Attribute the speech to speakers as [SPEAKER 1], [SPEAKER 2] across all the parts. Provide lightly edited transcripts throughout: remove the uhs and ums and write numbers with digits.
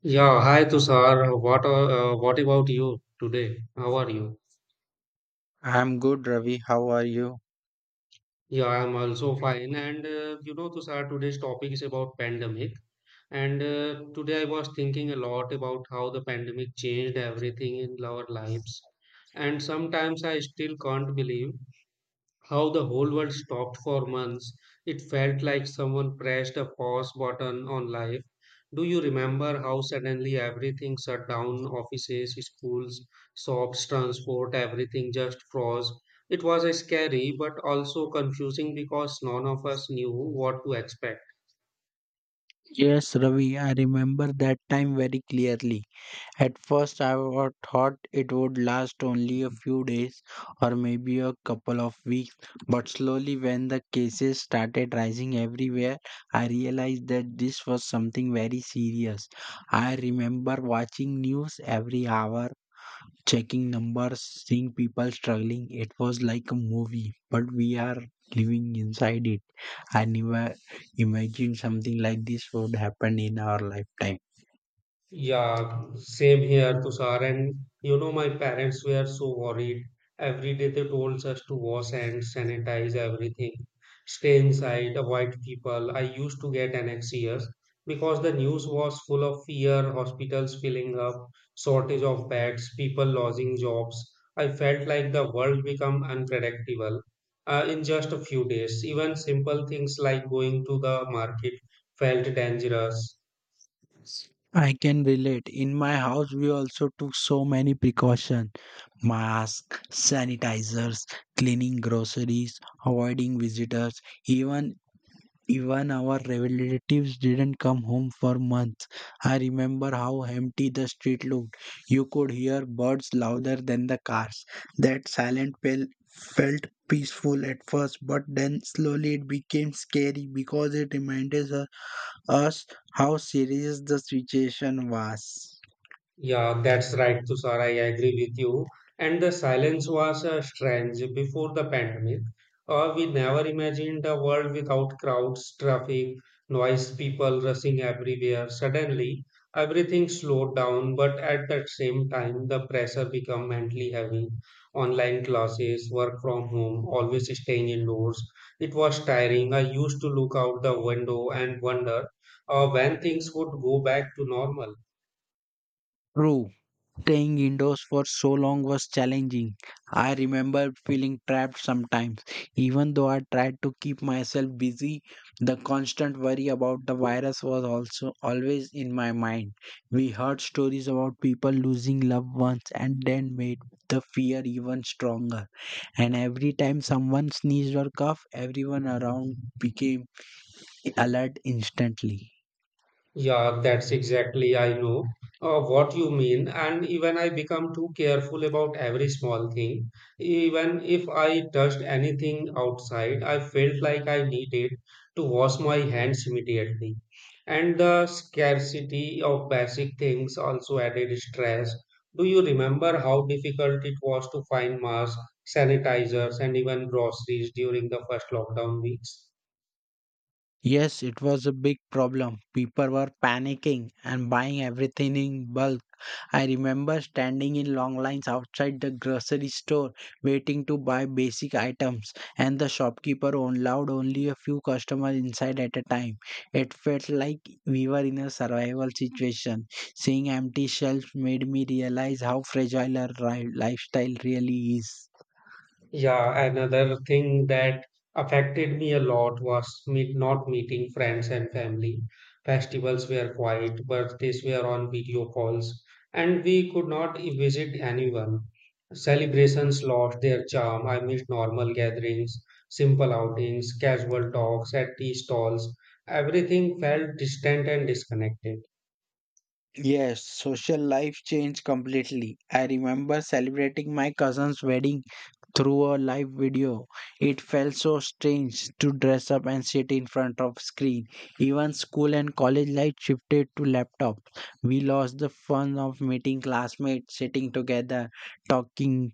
[SPEAKER 1] Yeah, hi Tushar. What about you today? How are you?
[SPEAKER 2] I'm good, Ravi. How are you?
[SPEAKER 1] Yeah, I'm also fine. And you know, Tushar, today's topic is about pandemic. And today I was thinking a lot about how the pandemic changed everything in our lives. And sometimes I still can't believe how the whole world stopped for months. It felt like someone pressed a pause button on life. Do you remember how suddenly everything shut down? Offices, schools, shops, transport, everything just froze. It was scary but also confusing because none of us knew what to expect.
[SPEAKER 2] Yes, Ravi, I remember that time very clearly. At first, thought it would last only a few days or maybe a couple of weeks, but slowly, when the cases started rising everywhere, I realized that this was something very serious. I remember watching news every hour, checking numbers, seeing people struggling. It was like a movie, but we are living inside it. I never imagined something like this would happen in our lifetime.
[SPEAKER 1] Yeah, same here, Tushar. And you know, my parents were so worried. Every day they told us to wash and sanitize everything, stay inside, avoid people. I used to get anxious because the news was full of fear, hospitals filling up, shortage of beds, people losing jobs. I felt like the world become unpredictable in just a few days. Even simple things like going to the market felt dangerous.
[SPEAKER 2] I can relate. In my house, we also took so many precautions masks, sanitizers, cleaning groceries, avoiding visitors, even Even our relatives didn't come home for months. I remember how empty the street looked. You could hear birds louder than the cars. That silent pill felt peaceful at first, but then slowly it became scary because it reminded us how serious the situation was.
[SPEAKER 1] Yeah, that's right, Tushar. I agree with you. And the silence was strange before the pandemic. We never imagined a world without crowds, traffic, noise, people rushing everywhere. Suddenly, everything slowed down, but at the same time, the pressure became mentally heavy. Online classes, work from home, always staying indoors. It was tiring. I used to look out the window and wonder when things would go back to normal.
[SPEAKER 2] True. Staying indoors for so long was challenging. I remember feeling trapped sometimes. Even though I tried to keep myself busy, the constant worry about the virus was also always in my mind. We heard stories about people losing loved ones and then made the fear even stronger. And every time someone sneezed or coughed, everyone around became alert instantly.
[SPEAKER 1] Yeah, that's exactly I know what you mean. And even I become too careful about every small thing. Even if I touched anything outside, I felt like I needed to wash my hands immediately. And the scarcity of basic things also added stress. Do you remember how difficult it was to find masks, sanitizers, and even groceries during the first lockdown weeks?
[SPEAKER 2] Yes, it was a big problem. People were panicking and buying everything in bulk. I remember standing in long lines outside the grocery store waiting to buy basic items, and the shopkeeper allowed only a few customers inside at a time. It felt like we were in a survival situation. Seeing empty shelves made me realize how fragile our lifestyle really is.
[SPEAKER 1] Yeah, another thing that affected me a lot was not meeting friends and family. Festivals were quiet, birthdays were on video calls, and we could not visit anyone. Celebrations lost their charm. I missed normal gatherings, simple outings, casual talks at tea stalls. Everything felt distant and disconnected.
[SPEAKER 2] Yes, social life changed completely. I remember celebrating my cousin's wedding through a live video. It felt so strange to dress up and sit in front of screen. Even school and college life shifted to laptops. We lost the fun of meeting classmates, sitting together, talking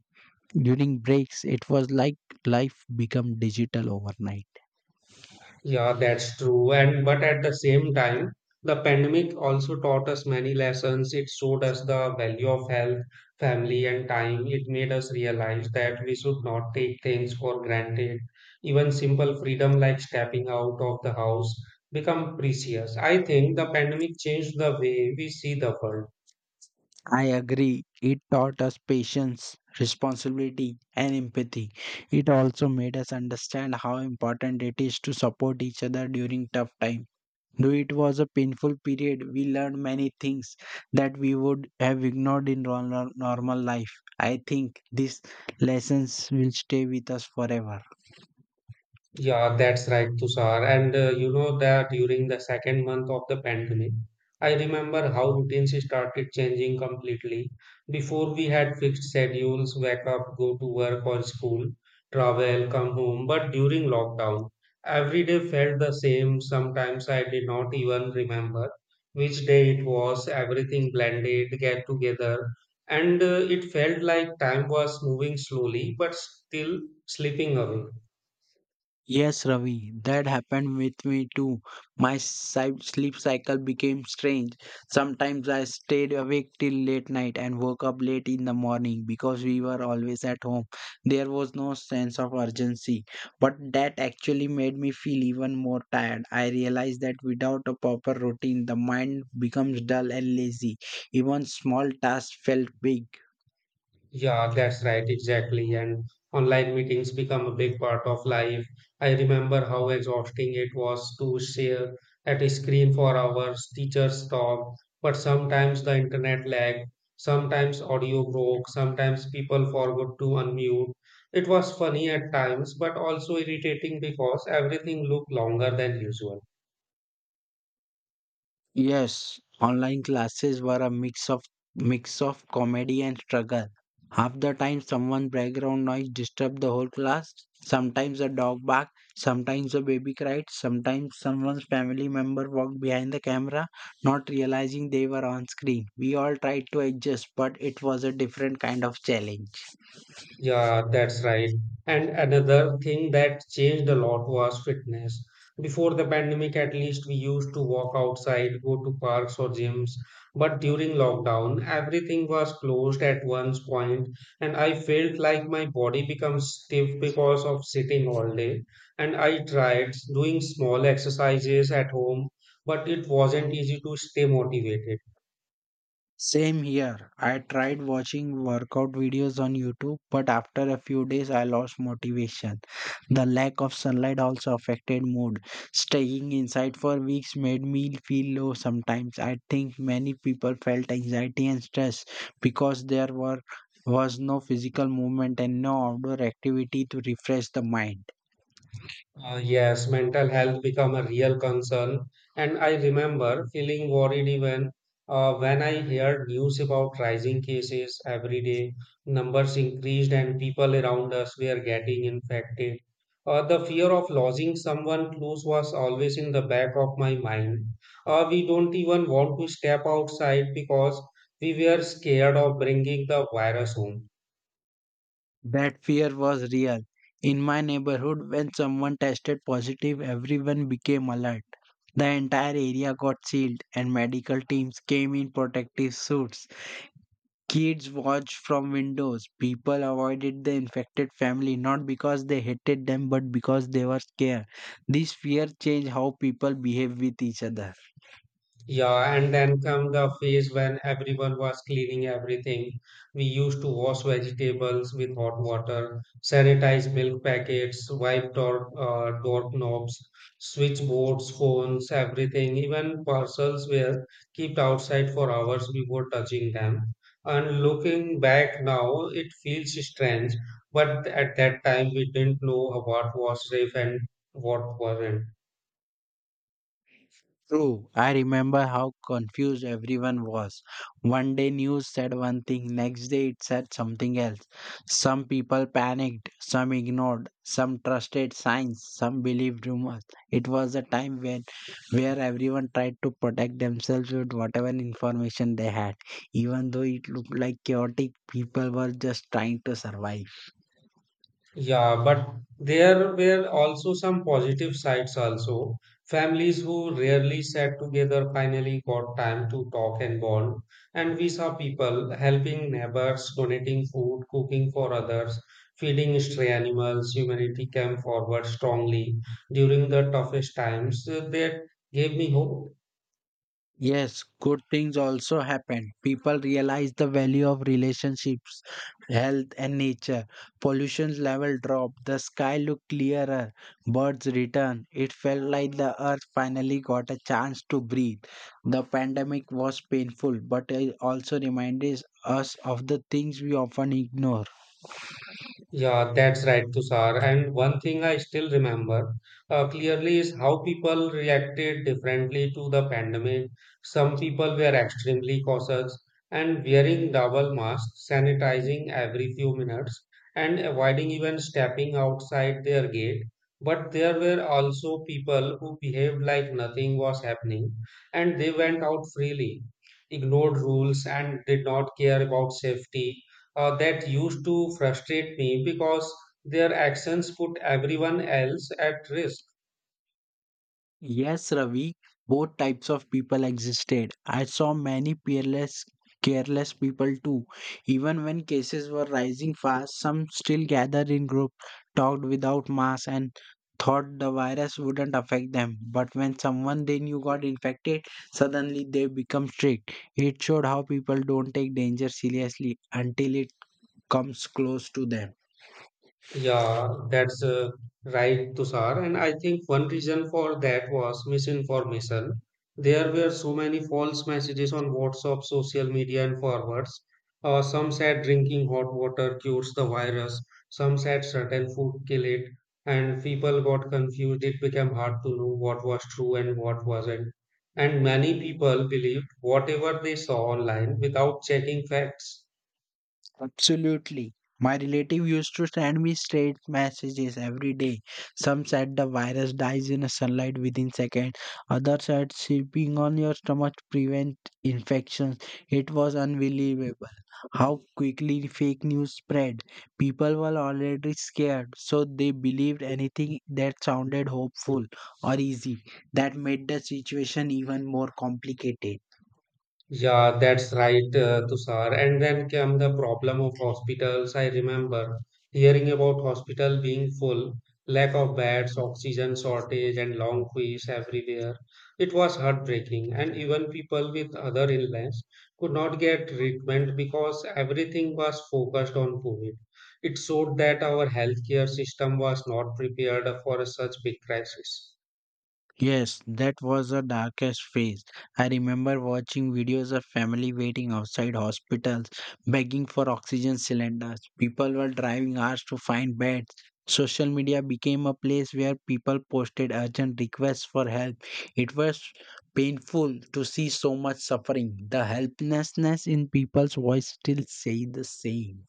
[SPEAKER 2] during breaks. It was like life become digital overnight.
[SPEAKER 1] Yeah, that's true. And but at the same time, the pandemic also taught us many lessons. It showed us the value of health, family, and time. It made us realize that we should not take things for granted. Even simple freedom like stepping out of the house become precious. I think the pandemic changed the way we see the world.
[SPEAKER 2] I agree. It taught us patience, responsibility, and empathy. It also made us understand how important it is to support each other during tough times. Though it was a painful period, we learned many things that we would have ignored in normal life. I think these lessons will stay with us forever.
[SPEAKER 1] Yeah, that's right, Tushar. And you know that during the second month of the pandemic, I remember how routines started changing completely. Before we had fixed schedules, wake up, go to work or school, travel, come home. But during lockdown, every day felt the same. Sometimes I did not even remember which day it was. Everything blended, get together. And it felt like time was moving slowly, but still slipping away.
[SPEAKER 2] Yes, Ravi, that happened with me too. My sleep cycle became strange. Sometimes I stayed awake till late night and woke up late in the morning because we were always at home. There was no sense of urgency, but that actually made me feel even more tired. I realized that without a proper routine, the mind becomes dull and lazy. Even small tasks felt big.
[SPEAKER 1] Yeah, that's right, exactly. And online meetings become a big part of life. I remember how exhausting it was to share at a screen for hours, teachers talk, but sometimes the internet lagged, sometimes audio broke, sometimes people forgot to unmute. It was funny at times, but also irritating because everything looked longer than usual.
[SPEAKER 2] Yes, online classes were a mix of comedy and struggle. Half the time someone background noise disturbed the whole class. Sometimes a dog barked, sometimes a baby cried, sometimes someone's family member walked behind the camera, not realizing they were on screen. We all tried to adjust, but it was a different kind of challenge.
[SPEAKER 1] Yeah, that's right. And another thing that changed a lot was fitness. Before the pandemic, at least we used to walk outside, go to parks or gyms. But during lockdown, everything was closed at one point, and I felt like my body becomes stiff because of sitting all day. And I tried doing small exercises at home, but it wasn't easy to stay motivated.
[SPEAKER 2] Same here. I tried watching workout videos on YouTube, but after a few days I lost motivation. The lack of sunlight also affected mood. Staying inside for weeks made me feel low sometimes. I think many people felt anxiety and stress because there were was no physical movement and no outdoor activity to refresh the mind.
[SPEAKER 1] Yes, mental health become a real concern, and I remember feeling worried even when I heard news about rising cases every day. Numbers increased, and people around us were getting infected. The fear of losing someone close was always in the back of my mind. We don't even want to step outside because we were scared of bringing the virus home.
[SPEAKER 2] That fear was real. In my neighborhood, when someone tested positive, everyone became alert. The entire area got sealed, and medical teams came in protective suits. Kids watched from windows. People avoided the infected family not because they hated them but because they were scared. This fear changed how people behave with each other.
[SPEAKER 1] Yeah, and then come the phase when everyone was cleaning everything. We used to wash vegetables with hot water, sanitize milk packets, wipe doorknobs, switchboards, phones, everything. Even parcels were kept outside for hours before touching them. And looking back now, it feels strange, but at that time we didn't know what was safe and what wasn't.
[SPEAKER 2] True, I remember how confused everyone was. One day news said one thing, next day it said something else. Some people panicked, some ignored, some trusted signs, some believed rumors. It was a time when where everyone tried to protect themselves with whatever information they had. Even though it looked like chaotic, people were just trying to survive.
[SPEAKER 1] Yeah, but there were also some positive sides also. Families who rarely sat together finally got time to talk and bond. And we saw people helping neighbors, donating food, cooking for others, feeding stray animals. Humanity came forward strongly during the toughest times. That gave me hope.
[SPEAKER 2] Yes, good things also happen. People realize the value of relationships, health, and nature. Pollution level dropped. The sky looked clearer. Birds returned. It felt like the earth finally got a chance to breathe. The pandemic was painful, but it also reminded us of the things we often ignore.
[SPEAKER 1] Yeah, that's right, Tushar. And one thing I still remember clearly is how people reacted differently to the pandemic. Some people were extremely cautious and wearing double masks, sanitizing every few minutes, and avoiding even stepping outside their gate. But there were also people who behaved like nothing was happening and they went out freely, ignored rules, and did not care about safety that used to frustrate me because their actions put everyone else at risk.
[SPEAKER 2] Yes, Ravi, both types of people existed. I saw many peerless, careless people too. Even when cases were rising fast, some still gathered in group, talked without masks, and thought the virus wouldn't affect them. But when someone they knew got infected, suddenly they become strict. It showed how people don't take danger seriously until it comes close to them.
[SPEAKER 1] Yeah, that's right, Tushar. And I think one reason for that was misinformation. There were so many false messages on WhatsApp, social media, and forwards. Some said drinking hot water cures the virus, some said certain food kill it, and people got confused. It became hard to know what was true and what wasn't. And many people believed whatever they saw online without checking facts.
[SPEAKER 2] Absolutely. My relative used to send me straight messages every day. Some said the virus dies in a sunlight within seconds. Others said sleeping on your stomach prevent infections. It was unbelievable how quickly fake news spread. People were already scared, so they believed anything that sounded hopeful or easy. That made the situation even more complicated.
[SPEAKER 1] Yeah, that's right, Tushar. And then came the problem of hospitals. I remember hearing about hospital being full, lack of beds, oxygen shortage, and long queues everywhere. It was heartbreaking, and even people with other illness could not get treatment because everything was focused on COVID. It showed that our healthcare system was not prepared for such big crisis.
[SPEAKER 2] Yes, that was the darkest phase. I remember watching videos of family waiting outside hospitals, begging for oxygen cylinders. People were driving hours to find beds. Social media became a place where people posted urgent requests for help. It was painful to see so much suffering. The helplessness in people's voice still say the same.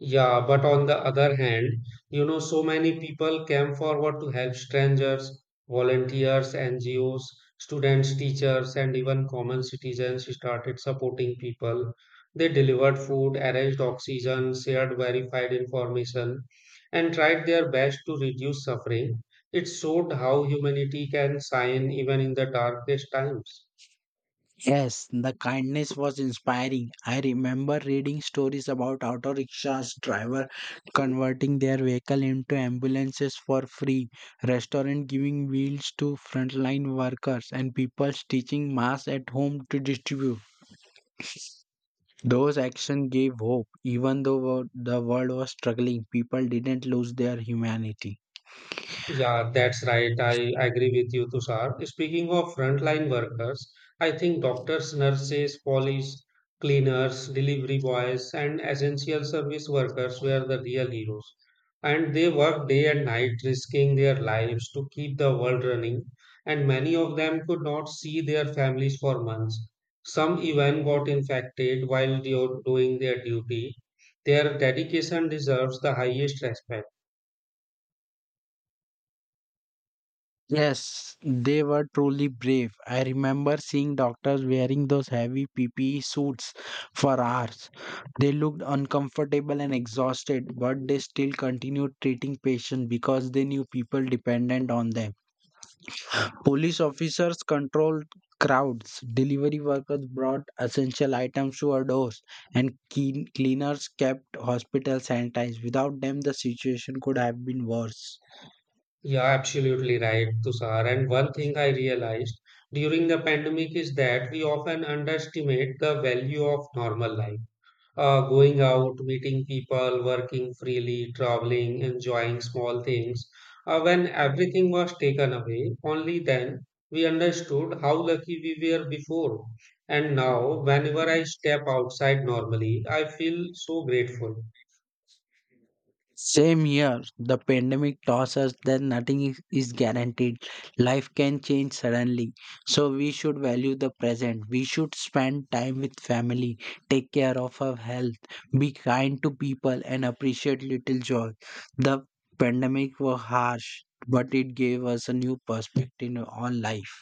[SPEAKER 1] Yeah, but on the other hand, you know, so many people came forward to help strangers, volunteers, NGOs, students, teachers, and even common citizens started supporting people. They delivered food, arranged oxygen, shared verified information, and tried their best to reduce suffering. It showed how humanity can shine even in the darkest times.
[SPEAKER 2] Yes, the kindness was inspiring. I remember reading stories about auto rickshaws driver converting their vehicle into ambulances for free, restaurant giving meals to frontline workers, and people teaching masks at home to distribute. Those actions gave hope. Even though the world was struggling, people didn't lose their humanity.
[SPEAKER 1] Yeah, that's right. I agree with you, Tushar. Speaking of frontline workers, I think doctors, nurses, police, cleaners, delivery boys, and essential service workers were the real heroes. And they worked day and night, risking their lives to keep the world running. And many of them could not see their families for months. Some even got infected while doing their duty. Their dedication deserves the highest respect.
[SPEAKER 2] Yes, they were truly brave. I remember seeing doctors wearing those heavy PPE suits for hours. They looked uncomfortable and exhausted, but they still continued treating patients because they knew people dependent on them. Police officers controlled crowds, delivery workers brought essential items to our doors, and cleaners kept hospitals sanitized. Without them, the situation could have been worse.
[SPEAKER 1] Yeah, absolutely right, Tushar. And one thing I realized during the pandemic is that we often underestimate the value of normal life. Going out, meeting people, working freely, traveling, enjoying small things. When everything was taken away, only then we understood how lucky we were before. And now, whenever I step outside normally, I feel so grateful.
[SPEAKER 2] Same year, the pandemic taught us that nothing is guaranteed. Life can change suddenly. So we should value the present. We should spend time with family, take care of our health, be kind to people, and appreciate little joy. The pandemic was harsh, but it gave us a new perspective on life.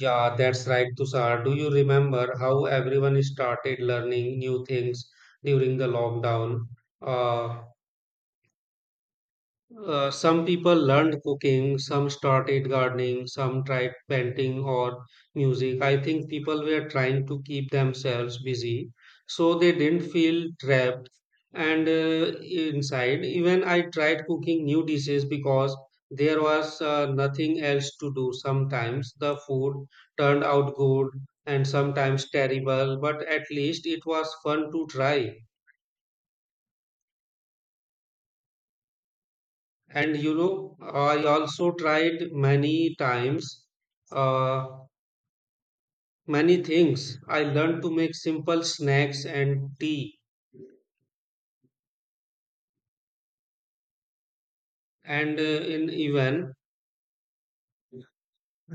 [SPEAKER 1] Yeah, that's right, Tushar. Do you remember how everyone started learning new things during the lockdown? Uh, some people learned cooking, some started gardening, some tried painting or music. I think people were trying to keep themselves busy so they didn't feel trapped and inside. Even I tried cooking new dishes because there was nothing else to do. Sometimes the food turned out good and sometimes terrible, but at least it was fun to try. And you know, I also tried many times, uh, many things. I learned to make simple snacks and tea, and in even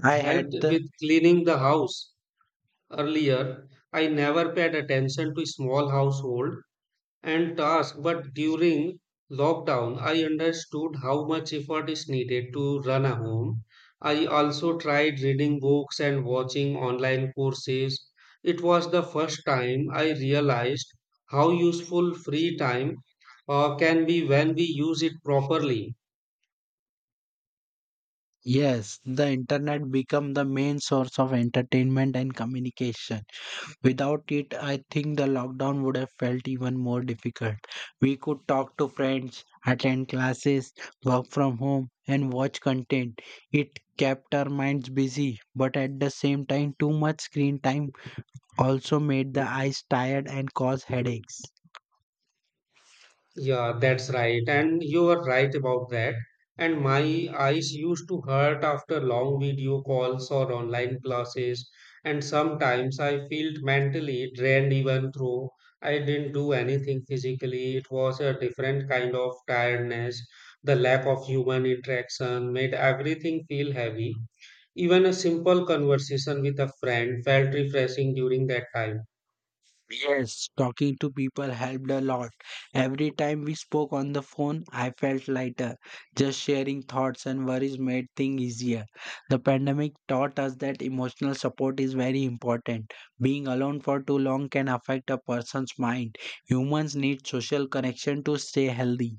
[SPEAKER 2] I
[SPEAKER 1] helped
[SPEAKER 2] had the
[SPEAKER 1] with cleaning the house. Earlier, I never paid attention to small household and tasks, but during lockdown, I understood how much effort is needed to run a home. I also tried reading books and watching online courses. It was the first time I realized how useful free time can be when we use it properly.
[SPEAKER 2] yes, the internet become the main source of entertainment and communication. Without it, I think the lockdown would have felt even more difficult. We could talk to friends, attend classes, work from home, and watch content. It kept our minds busy, but at the same time, too much screen time also made the eyes tired and caused headaches.
[SPEAKER 1] Yeah, that's right. And you are right about that. And my eyes used to hurt after long video calls or online classes. And sometimes I felt mentally drained even though I didn't do anything physically. It was a different kind of tiredness. The lack of human interaction made everything feel heavy. Even a simple conversation with a friend felt refreshing during that time.
[SPEAKER 2] Yes, talking to people helped a lot. Every time we spoke on the phone, I felt lighter. Just sharing thoughts and worries made things easier. The pandemic taught us that emotional support is very important. Being alone for too long can affect a person's mind. Humans need social connection to stay healthy.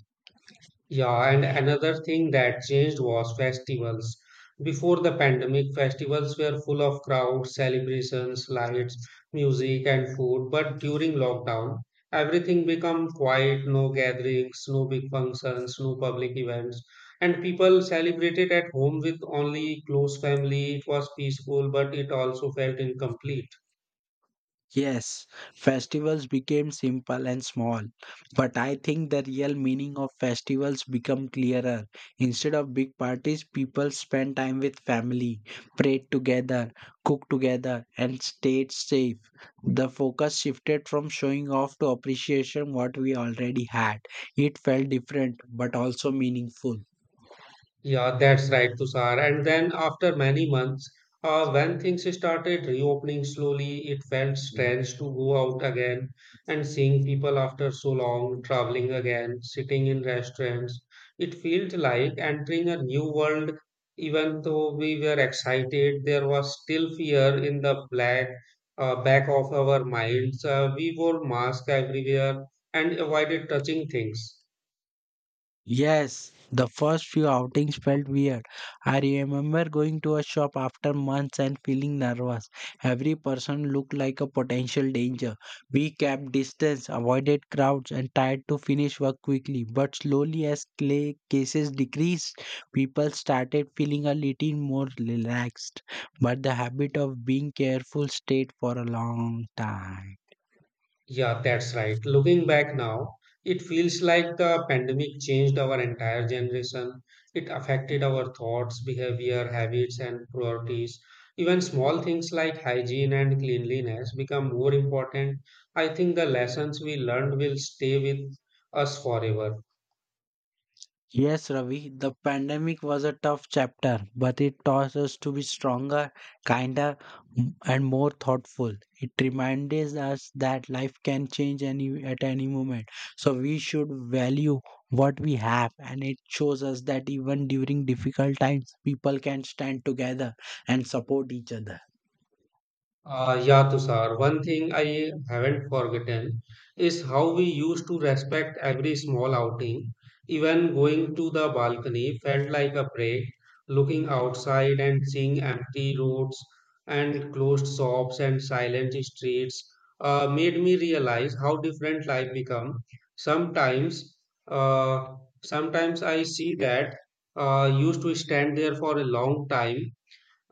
[SPEAKER 1] Yeah, and another thing that changed was festivals. Before the pandemic, festivals were full of crowds, celebrations, lights, music, and food. But during lockdown, everything became quiet, no gatherings, no big functions, no public events. And people celebrated at home with only close family. It was peaceful, but it also felt incomplete.
[SPEAKER 2] Yes, festivals became simple and small, but I think the real meaning of festivals become clearer. Instead of big parties, people spend time with family, prayed together, cooked together, and stayed safe. The focus shifted from showing off to appreciation what we already had. It felt different but also meaningful.
[SPEAKER 1] Yeah, that's right, Tushar. And then after many months, when things started reopening slowly, it felt strange to go out again and seeing people after so long, traveling again, sitting in restaurants. It felt like entering a new world. Even though we were excited, there was still fear in the black back of our minds. We wore masks everywhere and avoided touching things.
[SPEAKER 2] Yes, the first few outings felt weird. I remember going to a shop after months and feeling nervous. Every person looked like a potential danger. We kept distance, avoided crowds, and tried to finish work quickly. But slowly, as cases decreased, people started feeling a little more relaxed. But the habit of being careful stayed for a long time.
[SPEAKER 1] Yeah, that's right. Looking back now, it feels like the pandemic changed our entire generation. It affected our thoughts, behavior, habits, and priorities. Even small things like hygiene and cleanliness become more important. I think the lessons we learned will stay with us forever.
[SPEAKER 2] Yes, Ravi, the pandemic was a tough chapter, but it taught us to be stronger, kinder, and more thoughtful. It reminded us that life can change any at any moment. So we should value what we have, and it shows us that even during difficult times, people can stand together and support each other.
[SPEAKER 1] Yeah, Tushar. One thing I haven't forgotten is how we used to respect every small outing. Even going to the balcony felt like a break, looking outside and seeing empty roads and closed shops and silent streets made me realize how different life become. Sometimes, uh, sometimes I see that used to stand there for a long time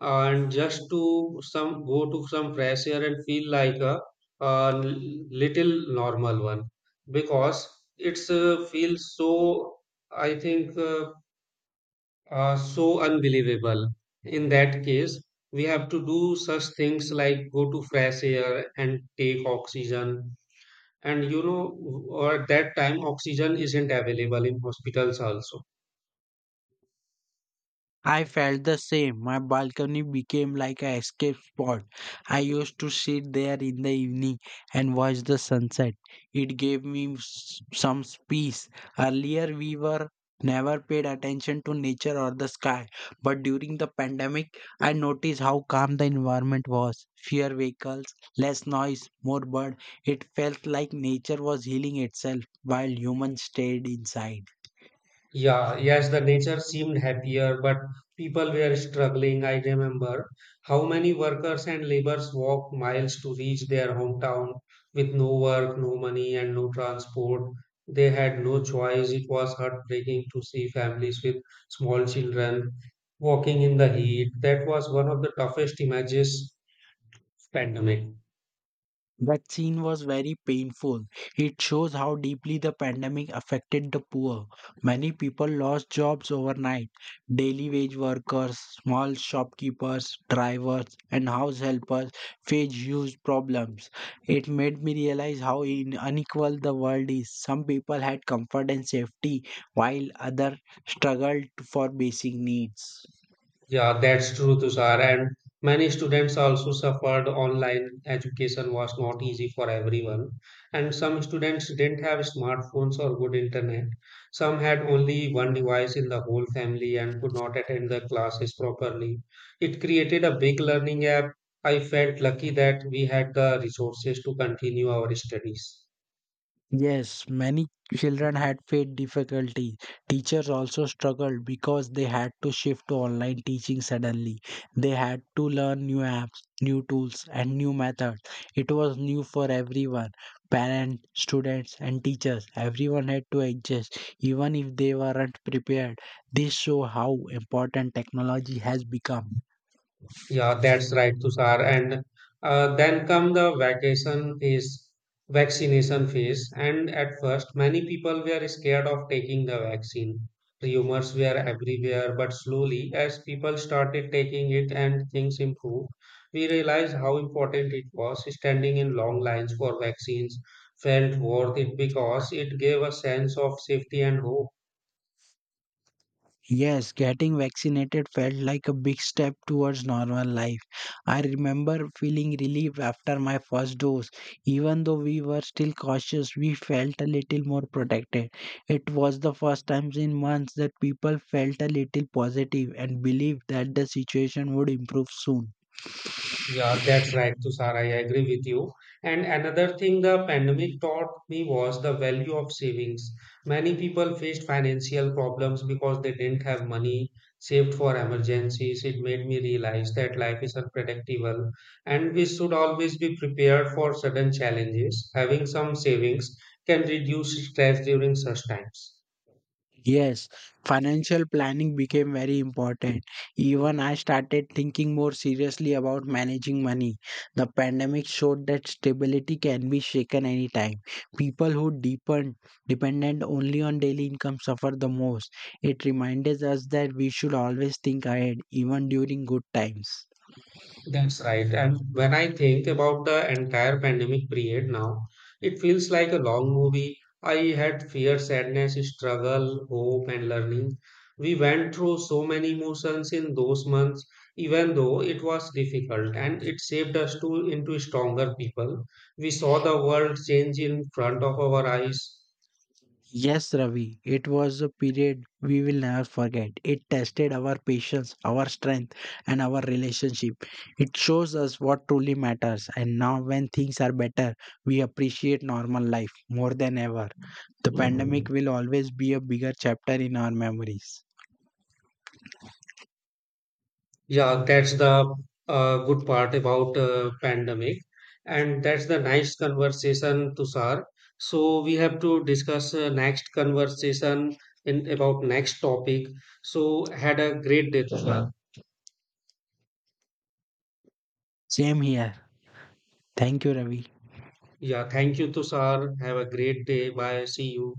[SPEAKER 1] and just to some go to some fresh air and feel like a little normal one because it's feels so I think so unbelievable. In that case, we have to do such things like go to fresh air and take oxygen. And you know, or at that time, oxygen isn't available in hospitals also.
[SPEAKER 2] I felt the same. My balcony became like a escape spot. I used to sit there in the evening and watch the sunset. It gave me some peace. Earlier, we were never paid attention to nature or the sky, but during the pandemic, I noticed how calm the environment was. Fewer vehicles, less noise, more bird. It felt like nature was healing itself while humans stayed inside.
[SPEAKER 1] Yeah, yes, the nature seemed happier, but people were struggling. I remember how many workers and laborers walked miles to reach their hometown with no work, no money, and no transport. They had no choice. It was heartbreaking to see families with small children walking in the heat. That was one of the toughest images of pandemic.
[SPEAKER 2] That scene was very painful. It shows how deeply the pandemic affected the poor. Many people lost jobs overnight. Daily wage workers, small shopkeepers, drivers, and house helpers faced huge problems. It made me realize how unequal the world is. Some people had comfort and safety, while others struggled for basic needs.
[SPEAKER 1] Yeah, that's true, Tushar. And many students also suffered. Online education was not easy for everyone. And some students didn't have smartphones or good internet. Some had only one device in the whole family and could not attend the classes properly. It created a big learning gap. I felt lucky that we had the resources to continue our studies.
[SPEAKER 2] Yes, many children had faith difficulty. Teachers also struggled because they had to shift to online teaching suddenly. They had to learn new apps, new tools, and new methods. It was new for everyone parents, students, and teachers. Everyone had to adjust, even if they weren't prepared. This shows how important technology has become.
[SPEAKER 1] Yeah, that's right, Tushar. And then come the vaccination phase. And at first, many people were scared of taking the vaccine. Rumors were everywhere, but slowly, as people started taking it and things improved, we realized how important it was. Standing in long lines for vaccines felt worth it because it gave a sense of safety and hope.
[SPEAKER 2] Yes, getting vaccinated felt like a big step towards normal life. I remember feeling relief after my first dose. Even though we were still cautious, we felt a little more protected. It was the first time in months that people felt a little positive and believed that the situation would improve soon.
[SPEAKER 1] Yeah, that's right, Tushar. I agree with you. And another thing the pandemic taught me was the value of savings. Many people faced financial problems because they didn't have money saved for emergencies. It made me realize that life is unpredictable and we should always be prepared for sudden challenges. Having some savings can reduce stress during such times.
[SPEAKER 2] Yes, financial planning became very important. Even I started thinking more seriously about managing money. The pandemic showed that stability can be shaken anytime. People who deepen dependent only on daily income suffer the most. It reminded us that we should always think ahead, even during good times.
[SPEAKER 1] That's right. And when I think about the entire pandemic period now, it feels like a long movie. I had fear, sadness, struggle, hope, and learning. We went through so many emotions in those months, even though it was difficult, and it shaped us to into stronger people. We saw the world change in front of our eyes.
[SPEAKER 2] Yes, Ravi, it was a period we will never forget. It tested our patience, our strength, and our relationship. It shows us what truly matters. And now, when things are better, we appreciate normal life more than ever. The pandemic will always be a bigger chapter in our memories.
[SPEAKER 1] Yeah, that's the good part about pandemic, and that's the nice conversation, Tushar. So we have to discuss next conversation in about next topic. So had a great day, Tushar.
[SPEAKER 2] Same here. Thank you, Ravi.
[SPEAKER 1] Yeah, thank you, Tushar. Have a great day. Bye. See you.